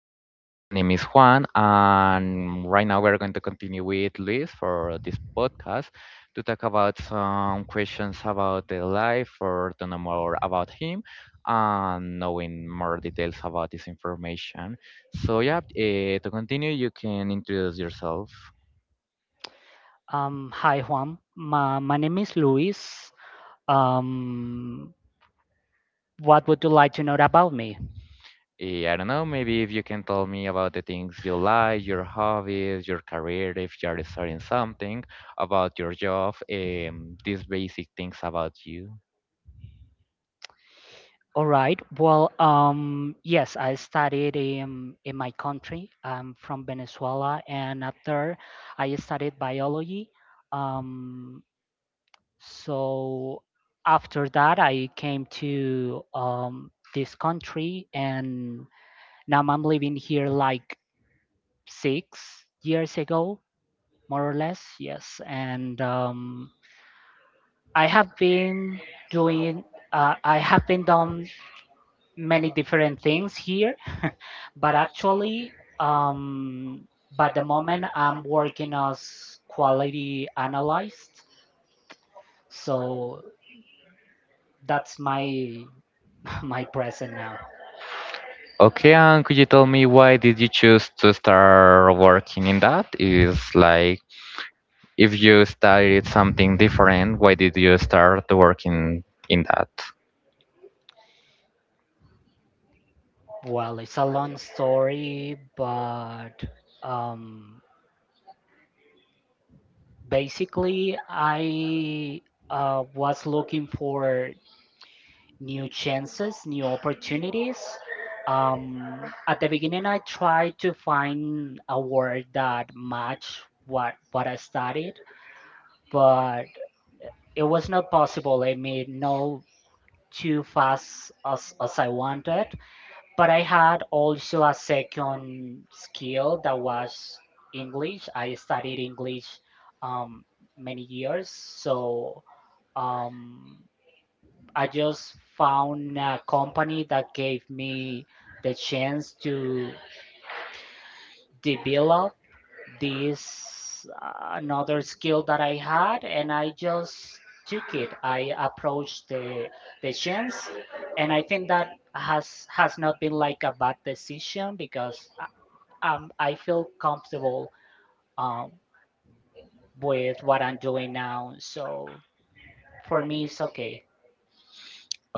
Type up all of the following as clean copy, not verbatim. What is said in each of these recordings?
podcast. My name is Juan, and right now we're going to continue with Luis for this podcast to talk about some questions about the life or to know more about him and knowing more details about this information. So, yeah, to continue, you can introduce yourself. Hi Juan, my name is Luis. Um, what would you like to know about me? I don't know, maybe if you can tell me about the things you like, your hobbies, your career, if you're studying something, about your job, these basic things about you. All right. Yes, I studied in my country. I'm from Venezuela, and after I studied biology. Um, so after that, I came to this country, and now I'm living here like 6 years ago, more or less. Yes, and I have been doing, I have been done many different things here, but by the moment I'm working as quality analyst, so that's my my present now. Okay, and could you tell me why did you choose to start working in that? Is like if you studied something different, why did you start working in that? Well, it's a long story, but um, basically, I was looking for new chances, new opportunities. At the beginning, I tried to find a word that matched what I studied, but it was not possible. I made no too fast as I wanted. But I had also a second skill that was English. I studied English um, many years, so um, I just found a company that gave me the chance to develop this another skill that I had, and I just took it. I approached the chance, and I think that has not been like a bad decision because I feel comfortable um with what I'm doing now. So for me, it's okay.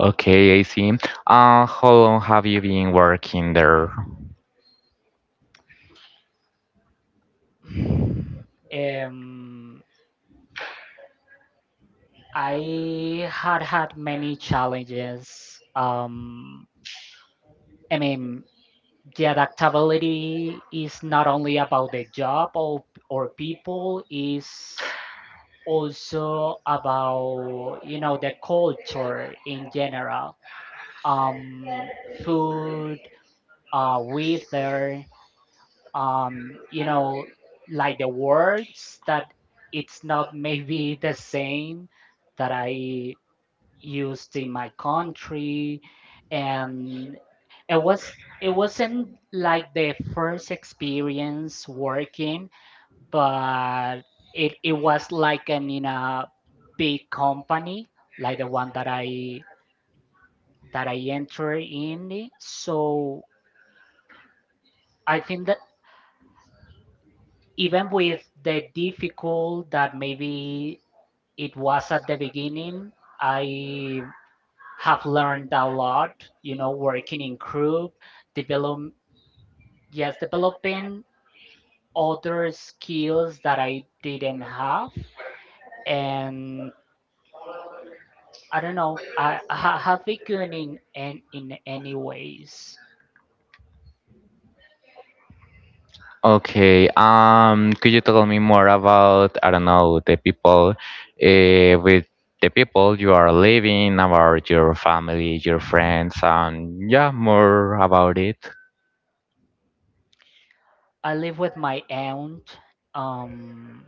Okay, I see. How long have you been working there? um I had had many challenges. I mean, the adaptability is not only about the job or people, is also about you know the culture in general. Um, food, weather, um, you know, like the words that it's not maybe the same that I used in my country and it wasn't like the first experience working but it was like an in a big company like the one that I entered in it. So I think that even with the difficult that maybe it was at the beginning I have learned a lot, you know, working in group, develop yes, developing other skills that I didn't have. And I don't know, I have it good in any ways. Okay. Could you tell me more about, I don't know, with the people you are living, about your family, your friends, and yeah, more about it. I live with my aunt, um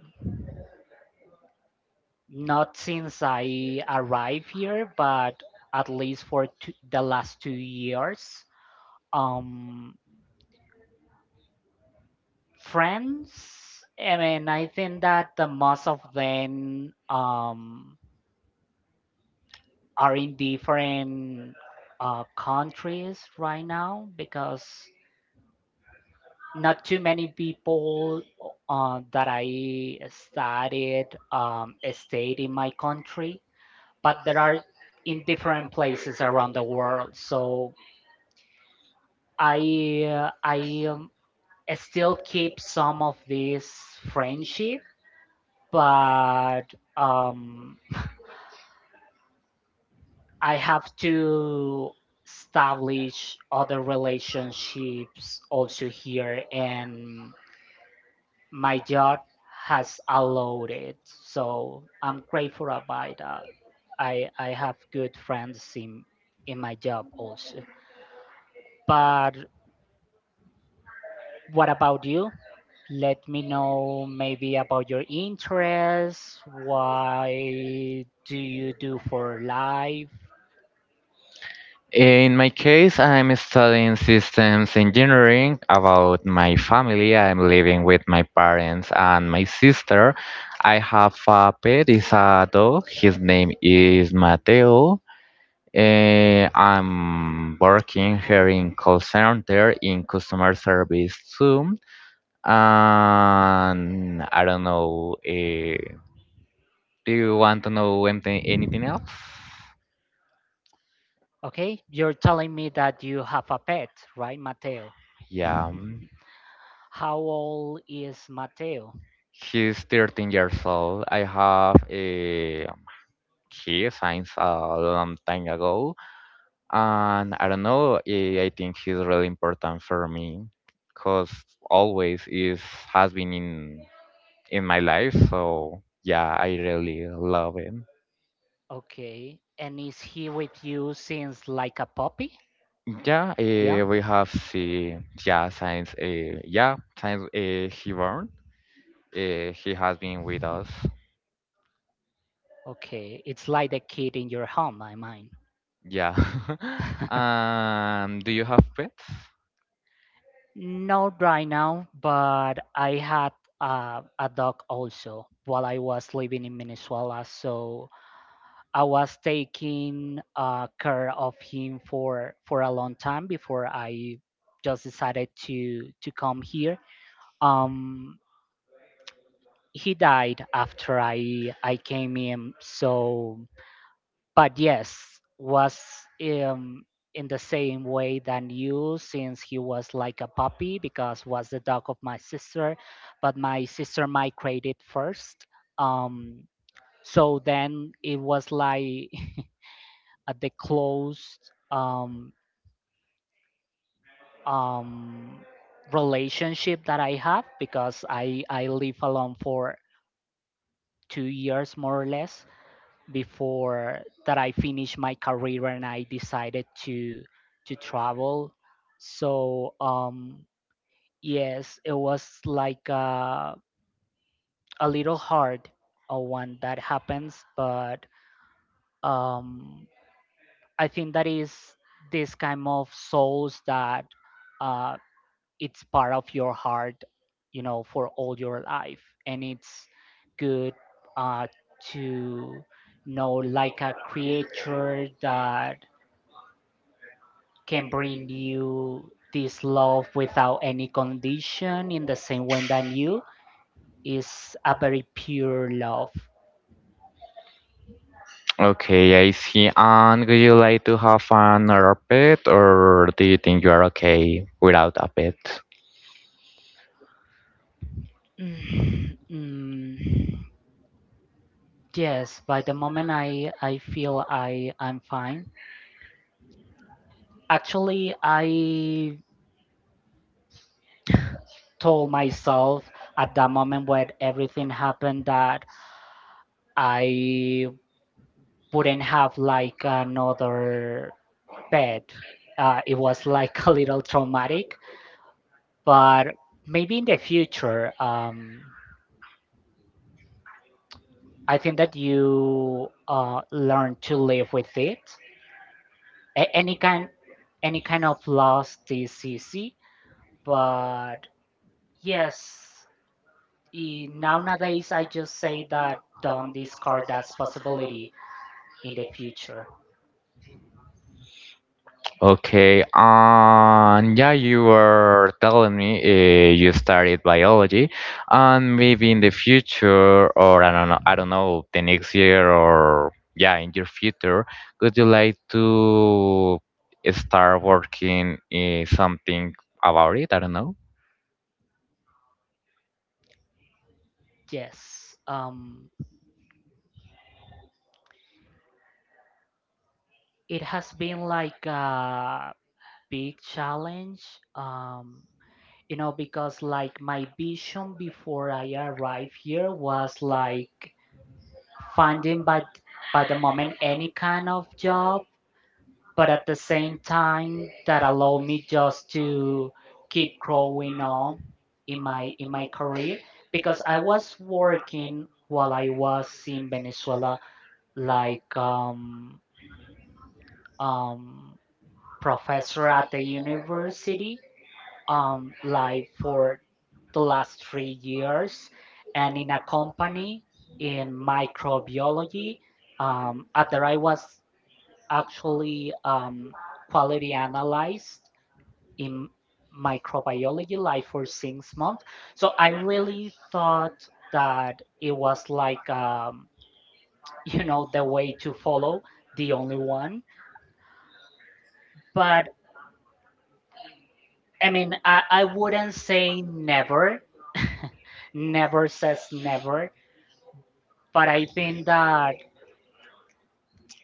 not since I arrived here, but at least the last 2 years. Um Friends, I mean, I think that the most of them are in different countries right now because not too many people that I studied stayed in my country, but there are in different places around the world. So I still keep some of this friendship, but um, I have to establish other relationships also here, and my job has allowed it. So I'm grateful about that. I have good friends in my job also. But what about you? Let me know maybe about your interests. Why do you do for life? In my case, I'm studying systems engineering. About my family, I'm living with my parents and my sister. I have a pet, it's a dog. His name is Mateo. I'm working here in call center in customer service too. And I don't know. Do you want to know anything else? Okay, you're telling me that you have a pet, right, Mateo? Yeah, How old is Mateo? he's 13 years old. I have a He since a long time ago, and I don't know. I think he's really important for me, cause always is has been in my life. So yeah, I really love it. Okay. And is he with you since like a puppy? Yeah, Yeah. We have see yeah since he born, he has been with us. Okay. It's like the kid in your home, I mean. Yeah. Do you have pets? Not right now, but I had a dog also while I was living in Venezuela. So I was taking care of him for a long time before I just decided to come here. Um, he died after I came in. So, but yes, was um, in the same way than you since he was like a puppy because was the dog of my sister, but my sister migrated first. Um, so then it was like a the closed um relationship that I have because I live alone for 2 years more or less before that I finished my career and I decided to travel. So yes, it was like a little hard when that happens, but um, I think that is this kind of souls that uh, it's part of your heart, you know, for all your life, and it's good uh, to know like a creature that can bring you this love without any condition in the same way that you is a very pure love. Okay, I see. And would you like to have another pet, or do you think you are okay without a pet? Mm, mm, yes, by the moment I feel I'm fine. Actually, I told myself at that moment when everything happened that I wouldn't have like another pet. It was like a little traumatic but maybe in the future I think that you learn to live with it. A- any kind any kind of loss is easy but yes, nowadays I just say that don't discard that possibility in the future. Okay, and yeah, you were telling me you studied biology, and maybe in the future, or I don't know, the next year, or yeah, in your future, would you like to start working something about it? I don't know. yes um, it has been like a big challenge. um, you know because like my vision before I arrived here was like finding by the moment any kind of job but at the same time that allow me just to keep growing on in my career because I was working while I was in Venezuela like um professor at the university like for the last 3 years and in a company in microbiology. At that I was actually quality analyzed in microbiology like for 6 months. So I really thought that it was like you know the way to follow, the only one. But I mean, I wouldn't say never. Never says never but I think that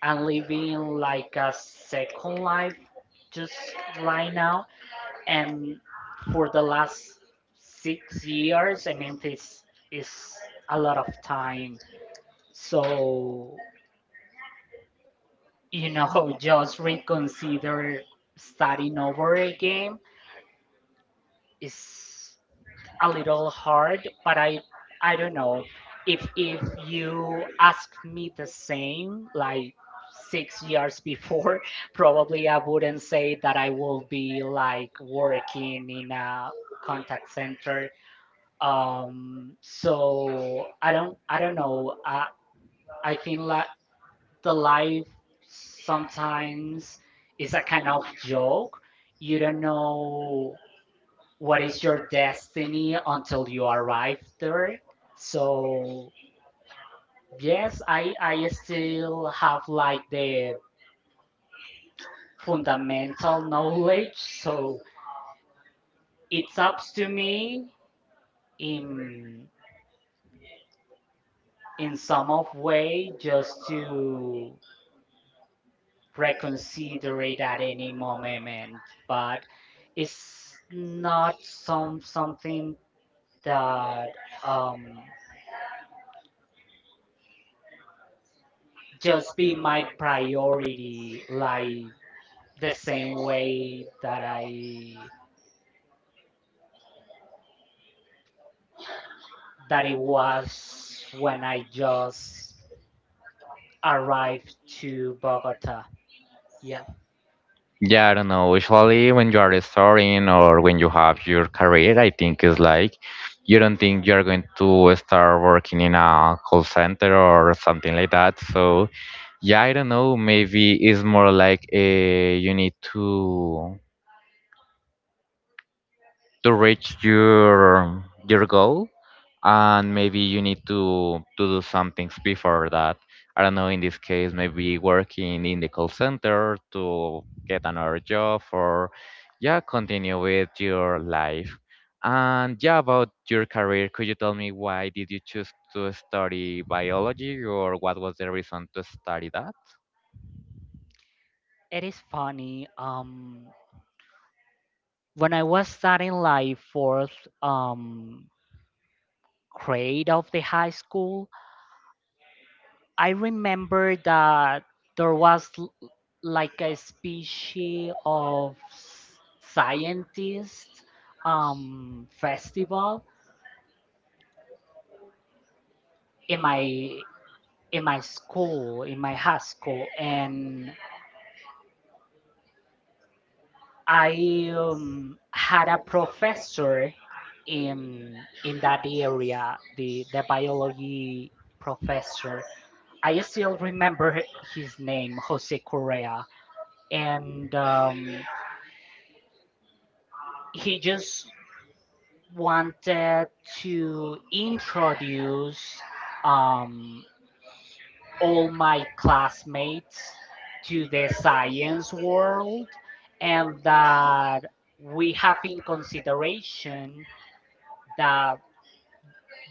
I'm living like a second life just right now. And for the last 6 years, I mean, it's a lot of time. So, you know, just reconsider starting over again is a little hard, but I don't know if you asked me the same like 6 years before, probably I wouldn't say that I will be like working in a contact center. So I don't know. I think like the life sometimes is a kind of joke. You don't know what is your destiny until you arrive there. So yes, I still have like the fundamental knowledge. So it's up to me in some of way just to reconsider it at any moment. But it's not something that um just be my priority like the same way that I that it was when I just arrived to Bogota. Yeah, Yeah, I don't know. Usually, when you are starting or when you have your career, I think it's like you don't think you're going to start working in a call center or something like that. So yeah, I don't know. Maybe it's more like you need to reach your goal, and maybe you need to do some things before that. I don't know. In this case, maybe working in the call center to get another job, or yeah, continue with your life. And yeah, about your career, could you tell me why did you choose to study biology, or what was the reason to study that? it is funny. When I was starting like fourth um grade of the high school, I remember that there was like a species of scientist festival in my school, in my high school, and I had a professor in that area, the biology professor. I still remember his name, Jose Correa, and he just wanted to introduce um, all my classmates to the science world and that we have in consideration that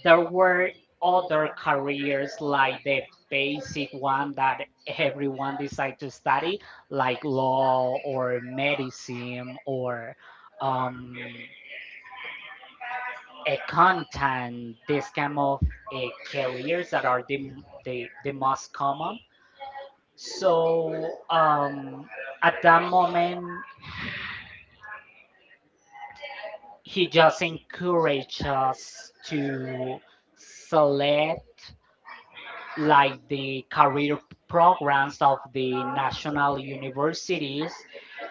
there were other careers like the basic one that everyone decide to study like law or medicine or um, accountant, this kind of careers that are the, the most common. So um, at that moment, he just encouraged us to select like the career programs of the national universities.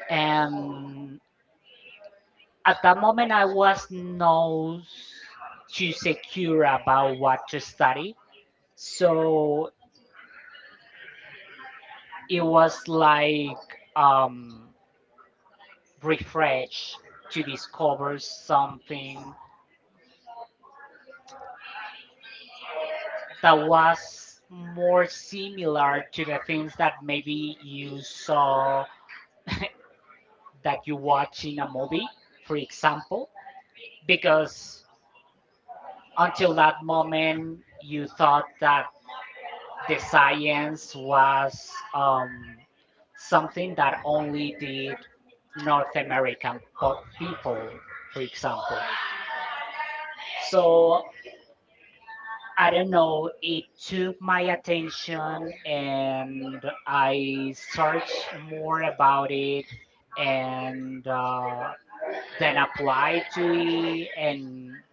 And at that moment, I was not too secure about what to study. So it was like um, refresh to discover something that was more similar to the things that maybe you saw that you watch in a movie, for example, because until that moment you thought that the science was something that only did North American people, for example. So I don't know, it took my attention and I searched more about it and then applied to it and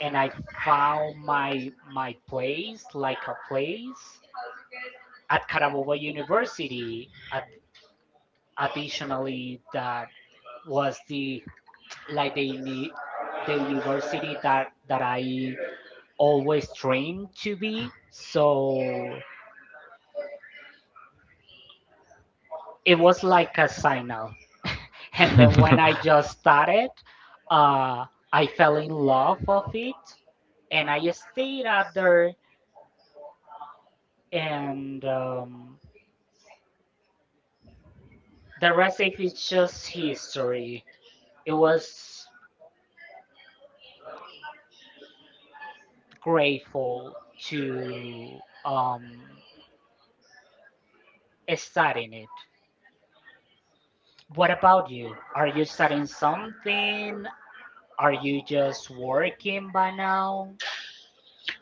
and I found my place, like a place at Carabobo University. Additionally, that was the like the uni- the university that I always dreamed to be. So it was like a signal. And then when I just started, uh, I fell in love of it, and I stayed out there. And the rest of it's just history. It was grateful to studying it. What about you? Are you studying something? Are you just working by now?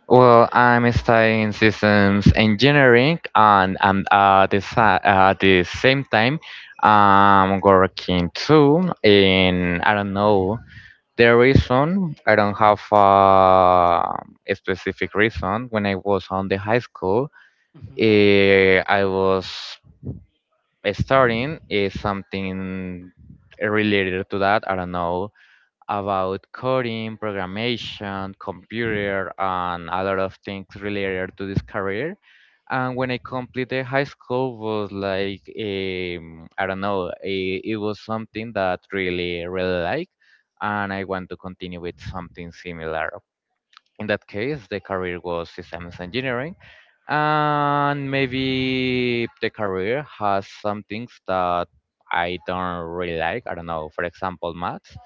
Well, I'm studying systems engineering and I'm at at the same time I'm working too in I don't know the reason I don't have a specific reason. When I was on the high school, Hmm. I was studying is something related to that. I don't know, about coding, programmation, computer, and a lot of things related to this career. And when I completed high school, was like I don't know, it was something that really really like, and I want to continue with something similar. In that case, the career was systems engineering, and maybe the career has some things that I don't really like. I don't know, for example, maths,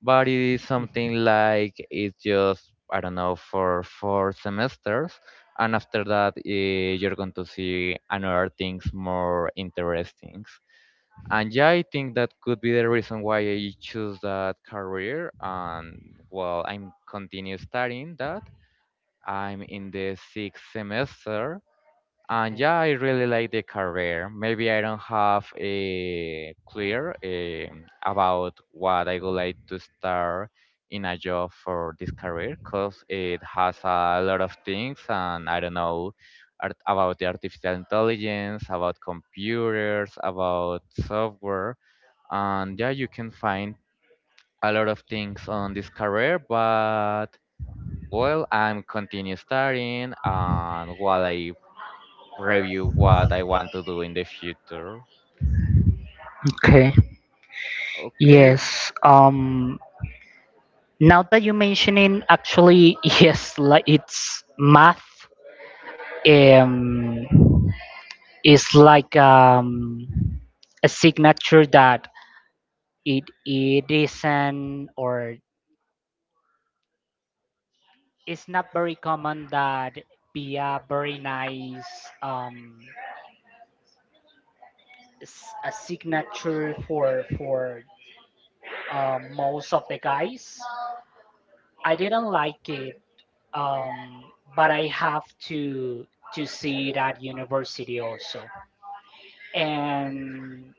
but it is something like it's just I don't know for four semesters, and after that you're going to see another things more interesting. And yeah, I think that could be the reason why I choose that career. And well, I'm continue studying that. I'm in the sixth semester, and Okay. yeah, I really like the career. Maybe I don't have a clear about what I would like to start in a job for this career because it has a lot of things, and I don't know about the artificial intelligence, about computers, about software, and yeah, you can find a lot of things on this career, but well, I'm continue studying, and while I review what I want to do in the future. Okay. Okay, Yes. Um. Now that you mentioning, actually, yes, like it's math. Um, it's like a signature that it isn't or it's not very common that be a very nice um a signature for most of the guys. I didn't like it, but I have to to see it at university also. And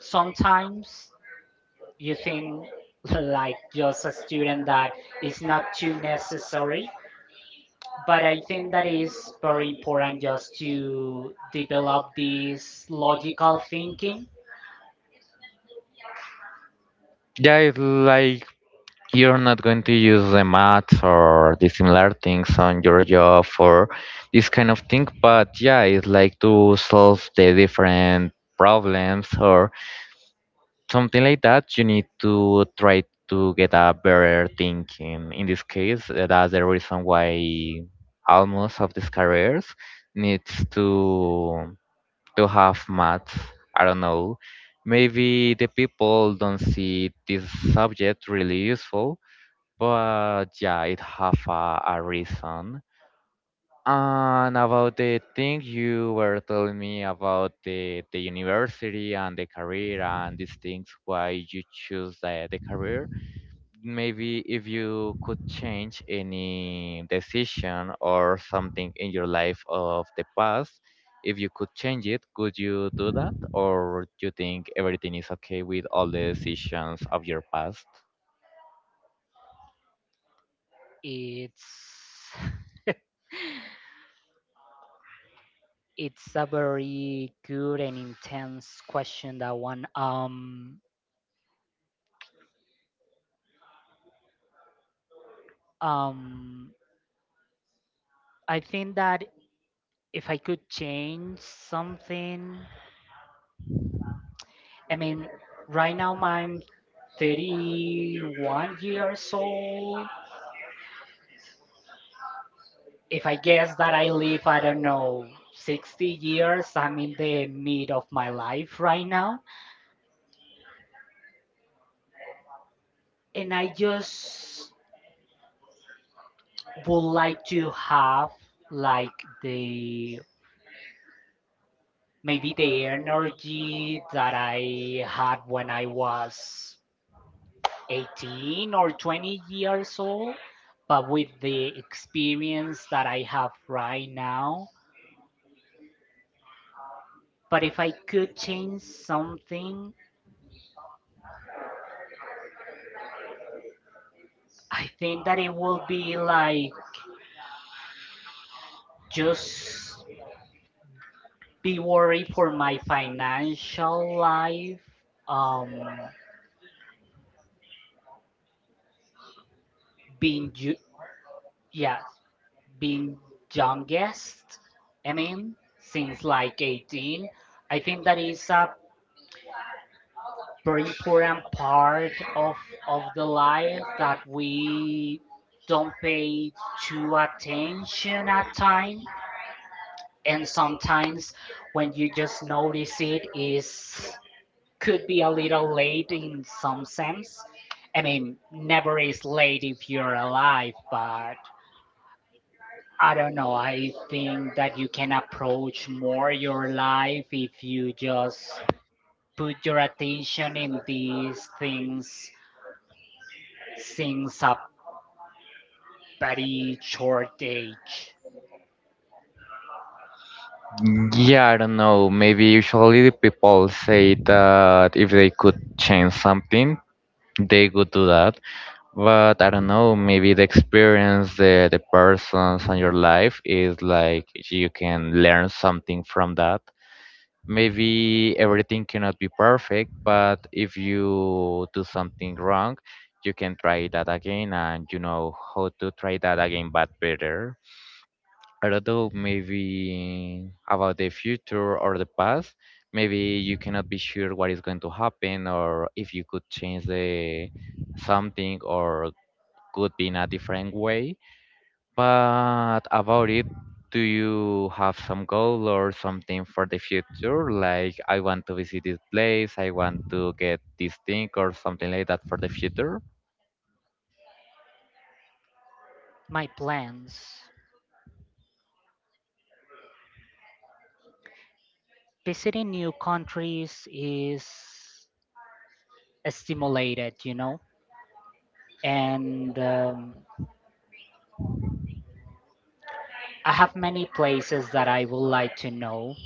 sometimes you think like just a student that is not too necessary but I think that is very important just to develop this logical thinking. yeah, it's like you're not going to use the math or the similar things on your job for this kind of thing, but yeah, it's like to solve the different problems or something like that. You need to try to get a better thinking. In this case, that's the reason why almost of these careers needs to have maths. I don't know. Maybe the people don't see this subject really useful, but yeah, it have a reason. And about the thing you were telling me about the university and the career and these things, why you choose the career, maybe if you could change any decision or something in your life of the past, if you could change it, could you do that? Or you think everything is okay with all the decisions of your past? It's it's a very good and intense question that one. Um I think that if I could change something, I mean, right now my 31 years old. If I guess that I live, I don't know, 60 years, I'm in the mid of my life right now. And I just would like to have like the maybe the energy that I had when I was 18 or 20 years old, but with the experience that I have right now. But if I could change something, I think that it will be like just be worried for my financial life. Um, being you, yes, being youngest. I mean, since like 18, I think that is a very important part of the life that we don't pay too attention at time, and sometimes when you just notice it is could be a little late in some sense. I mean, never is late if you're alive, but I don't know. I think that you can approach more your life if you just put your attention in these things since a very short age. Yeah, I don't know. Maybe usually the people say that if they could change something, they would do that. But I don't know, maybe the experience, the persons on your life is like you can learn something from that. Maybe everything cannot be perfect, but if you do something wrong, you can try that again and you know how to try that again but better. I don't know, maybe about the future or the past. Maybe you cannot be sure what is going to happen or if you could change the something or could be in a different way. But about it, do you have some goal or something for the future? Like, I want to visit this place, I want to get this thing, or something like that for the future? My plans visiting new countries is stimulated, you know, and I have many places that I would like to know.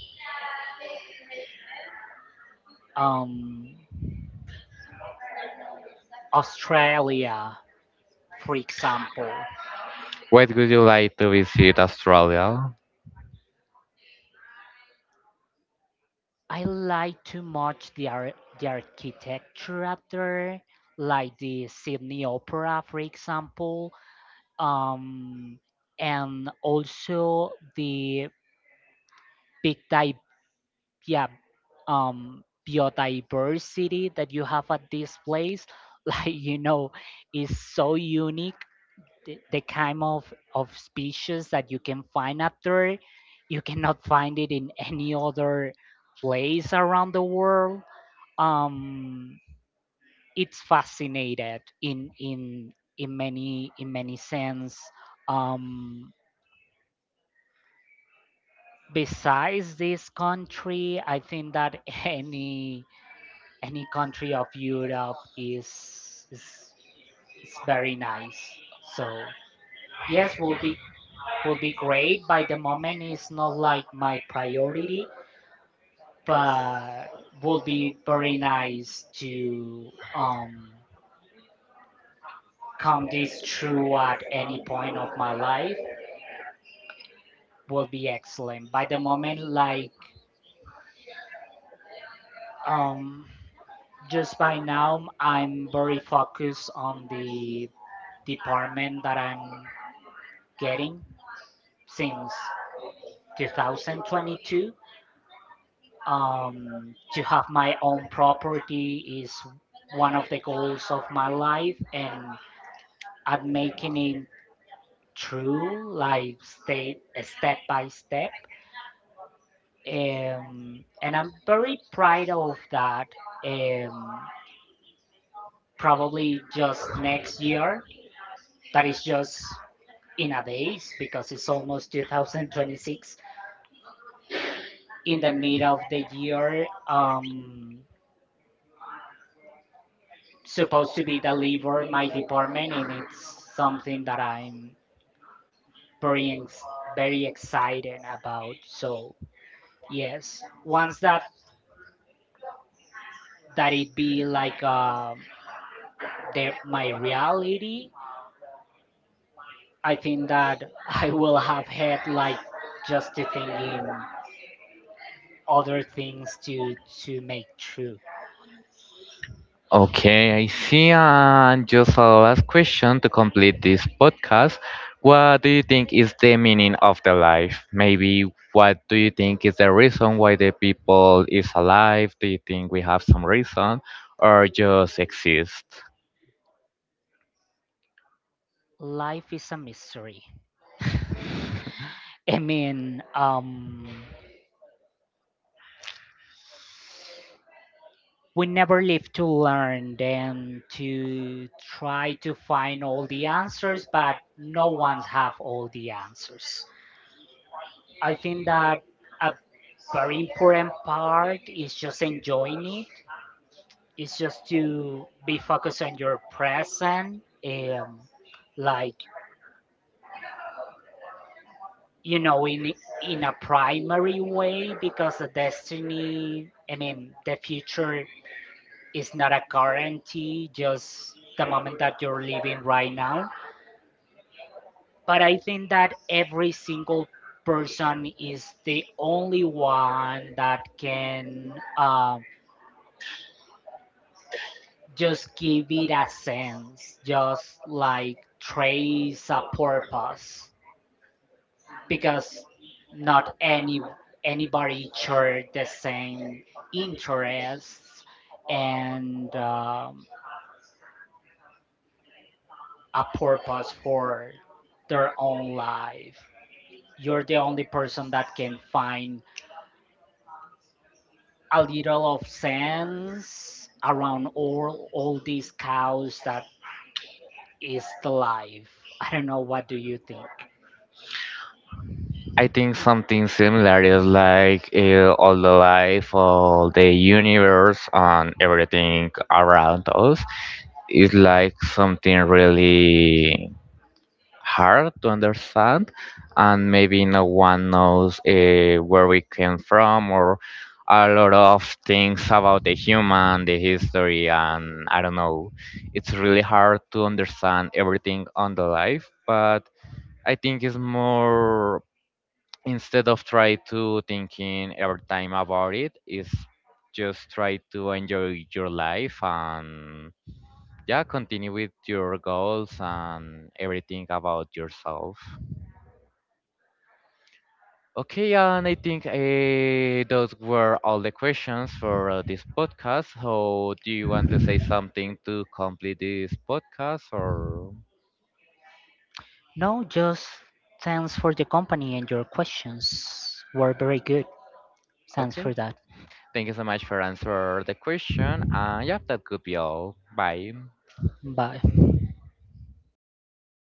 Um, Australia, for example. What would you like to visit Australia? I like too much the architecture up there, like the Sydney Opera, for example. Um, and also the big di- yeah, biodiversity that you have at this place. Like you know, is so unique the kind of species that you can find up there. You cannot find it in any other place around the world. Um, it's fascinated in many sense. Um, besides this country, I think that any country of Europe is, is very nice. So yes, we will be great. By the moment, it's not like my priority, but will be very nice to come this true at any point of my life. Will be excellent. By the moment, um, just by now, I'm very focused on the department that I'm getting since 2022. To have my own property is one of the goals of my life, and at making it true like state step by step. And I'm very proud of that. um, probably just next year, that is just in a days because it's almost 2026 in the mid of the year. Supposed to be delivered my department, and it's something that I'm very ex- very excited about. So yes, once that it be like my reality, I think that I will have had like just to thinking other things to make true. Okay, I see. And just a last question to complete this podcast. What do you think is the meaning of the life? Maybe what do you think is the reason why the people is alive? Do you think we have some reason or just exist? Life is a mystery. I mean, we never live to learn and to try to find all the answers, but no one's have all the answers. I think that a very important part is just enjoying it. It's just to be focused on your present. um, like you know, in a primary way, because the destiny, I mean the future, is not a guarantee, just the moment that you're living right now. But I think that every single person is the only one that can just give it a sense, just like trace a purpose, because not anybody share the same interests, and a purpose for their own life. You're the only person that can find a little of sense around all these cows that is the life. I don't know what do you think. I think something similar is like all the life, all the universe, and everything around us is like something really hard to understand, and maybe no one knows where we came from or a lot of things about the human the history, and I don't know, it's really hard to understand everything on the life, but I think it's more, instead of try to thinking Mm. every time about it, is just try to enjoy your life and yeah continue with your goals and everything about yourself. Okay, and I think those were all the questions for this podcast. So, do you want to say something to complete this podcast, or No, just thanks for the company, and your questions were very good. Thanks for okay? that. Thank you so much for answer the question. And yeah, that could be all. Bye. Bye.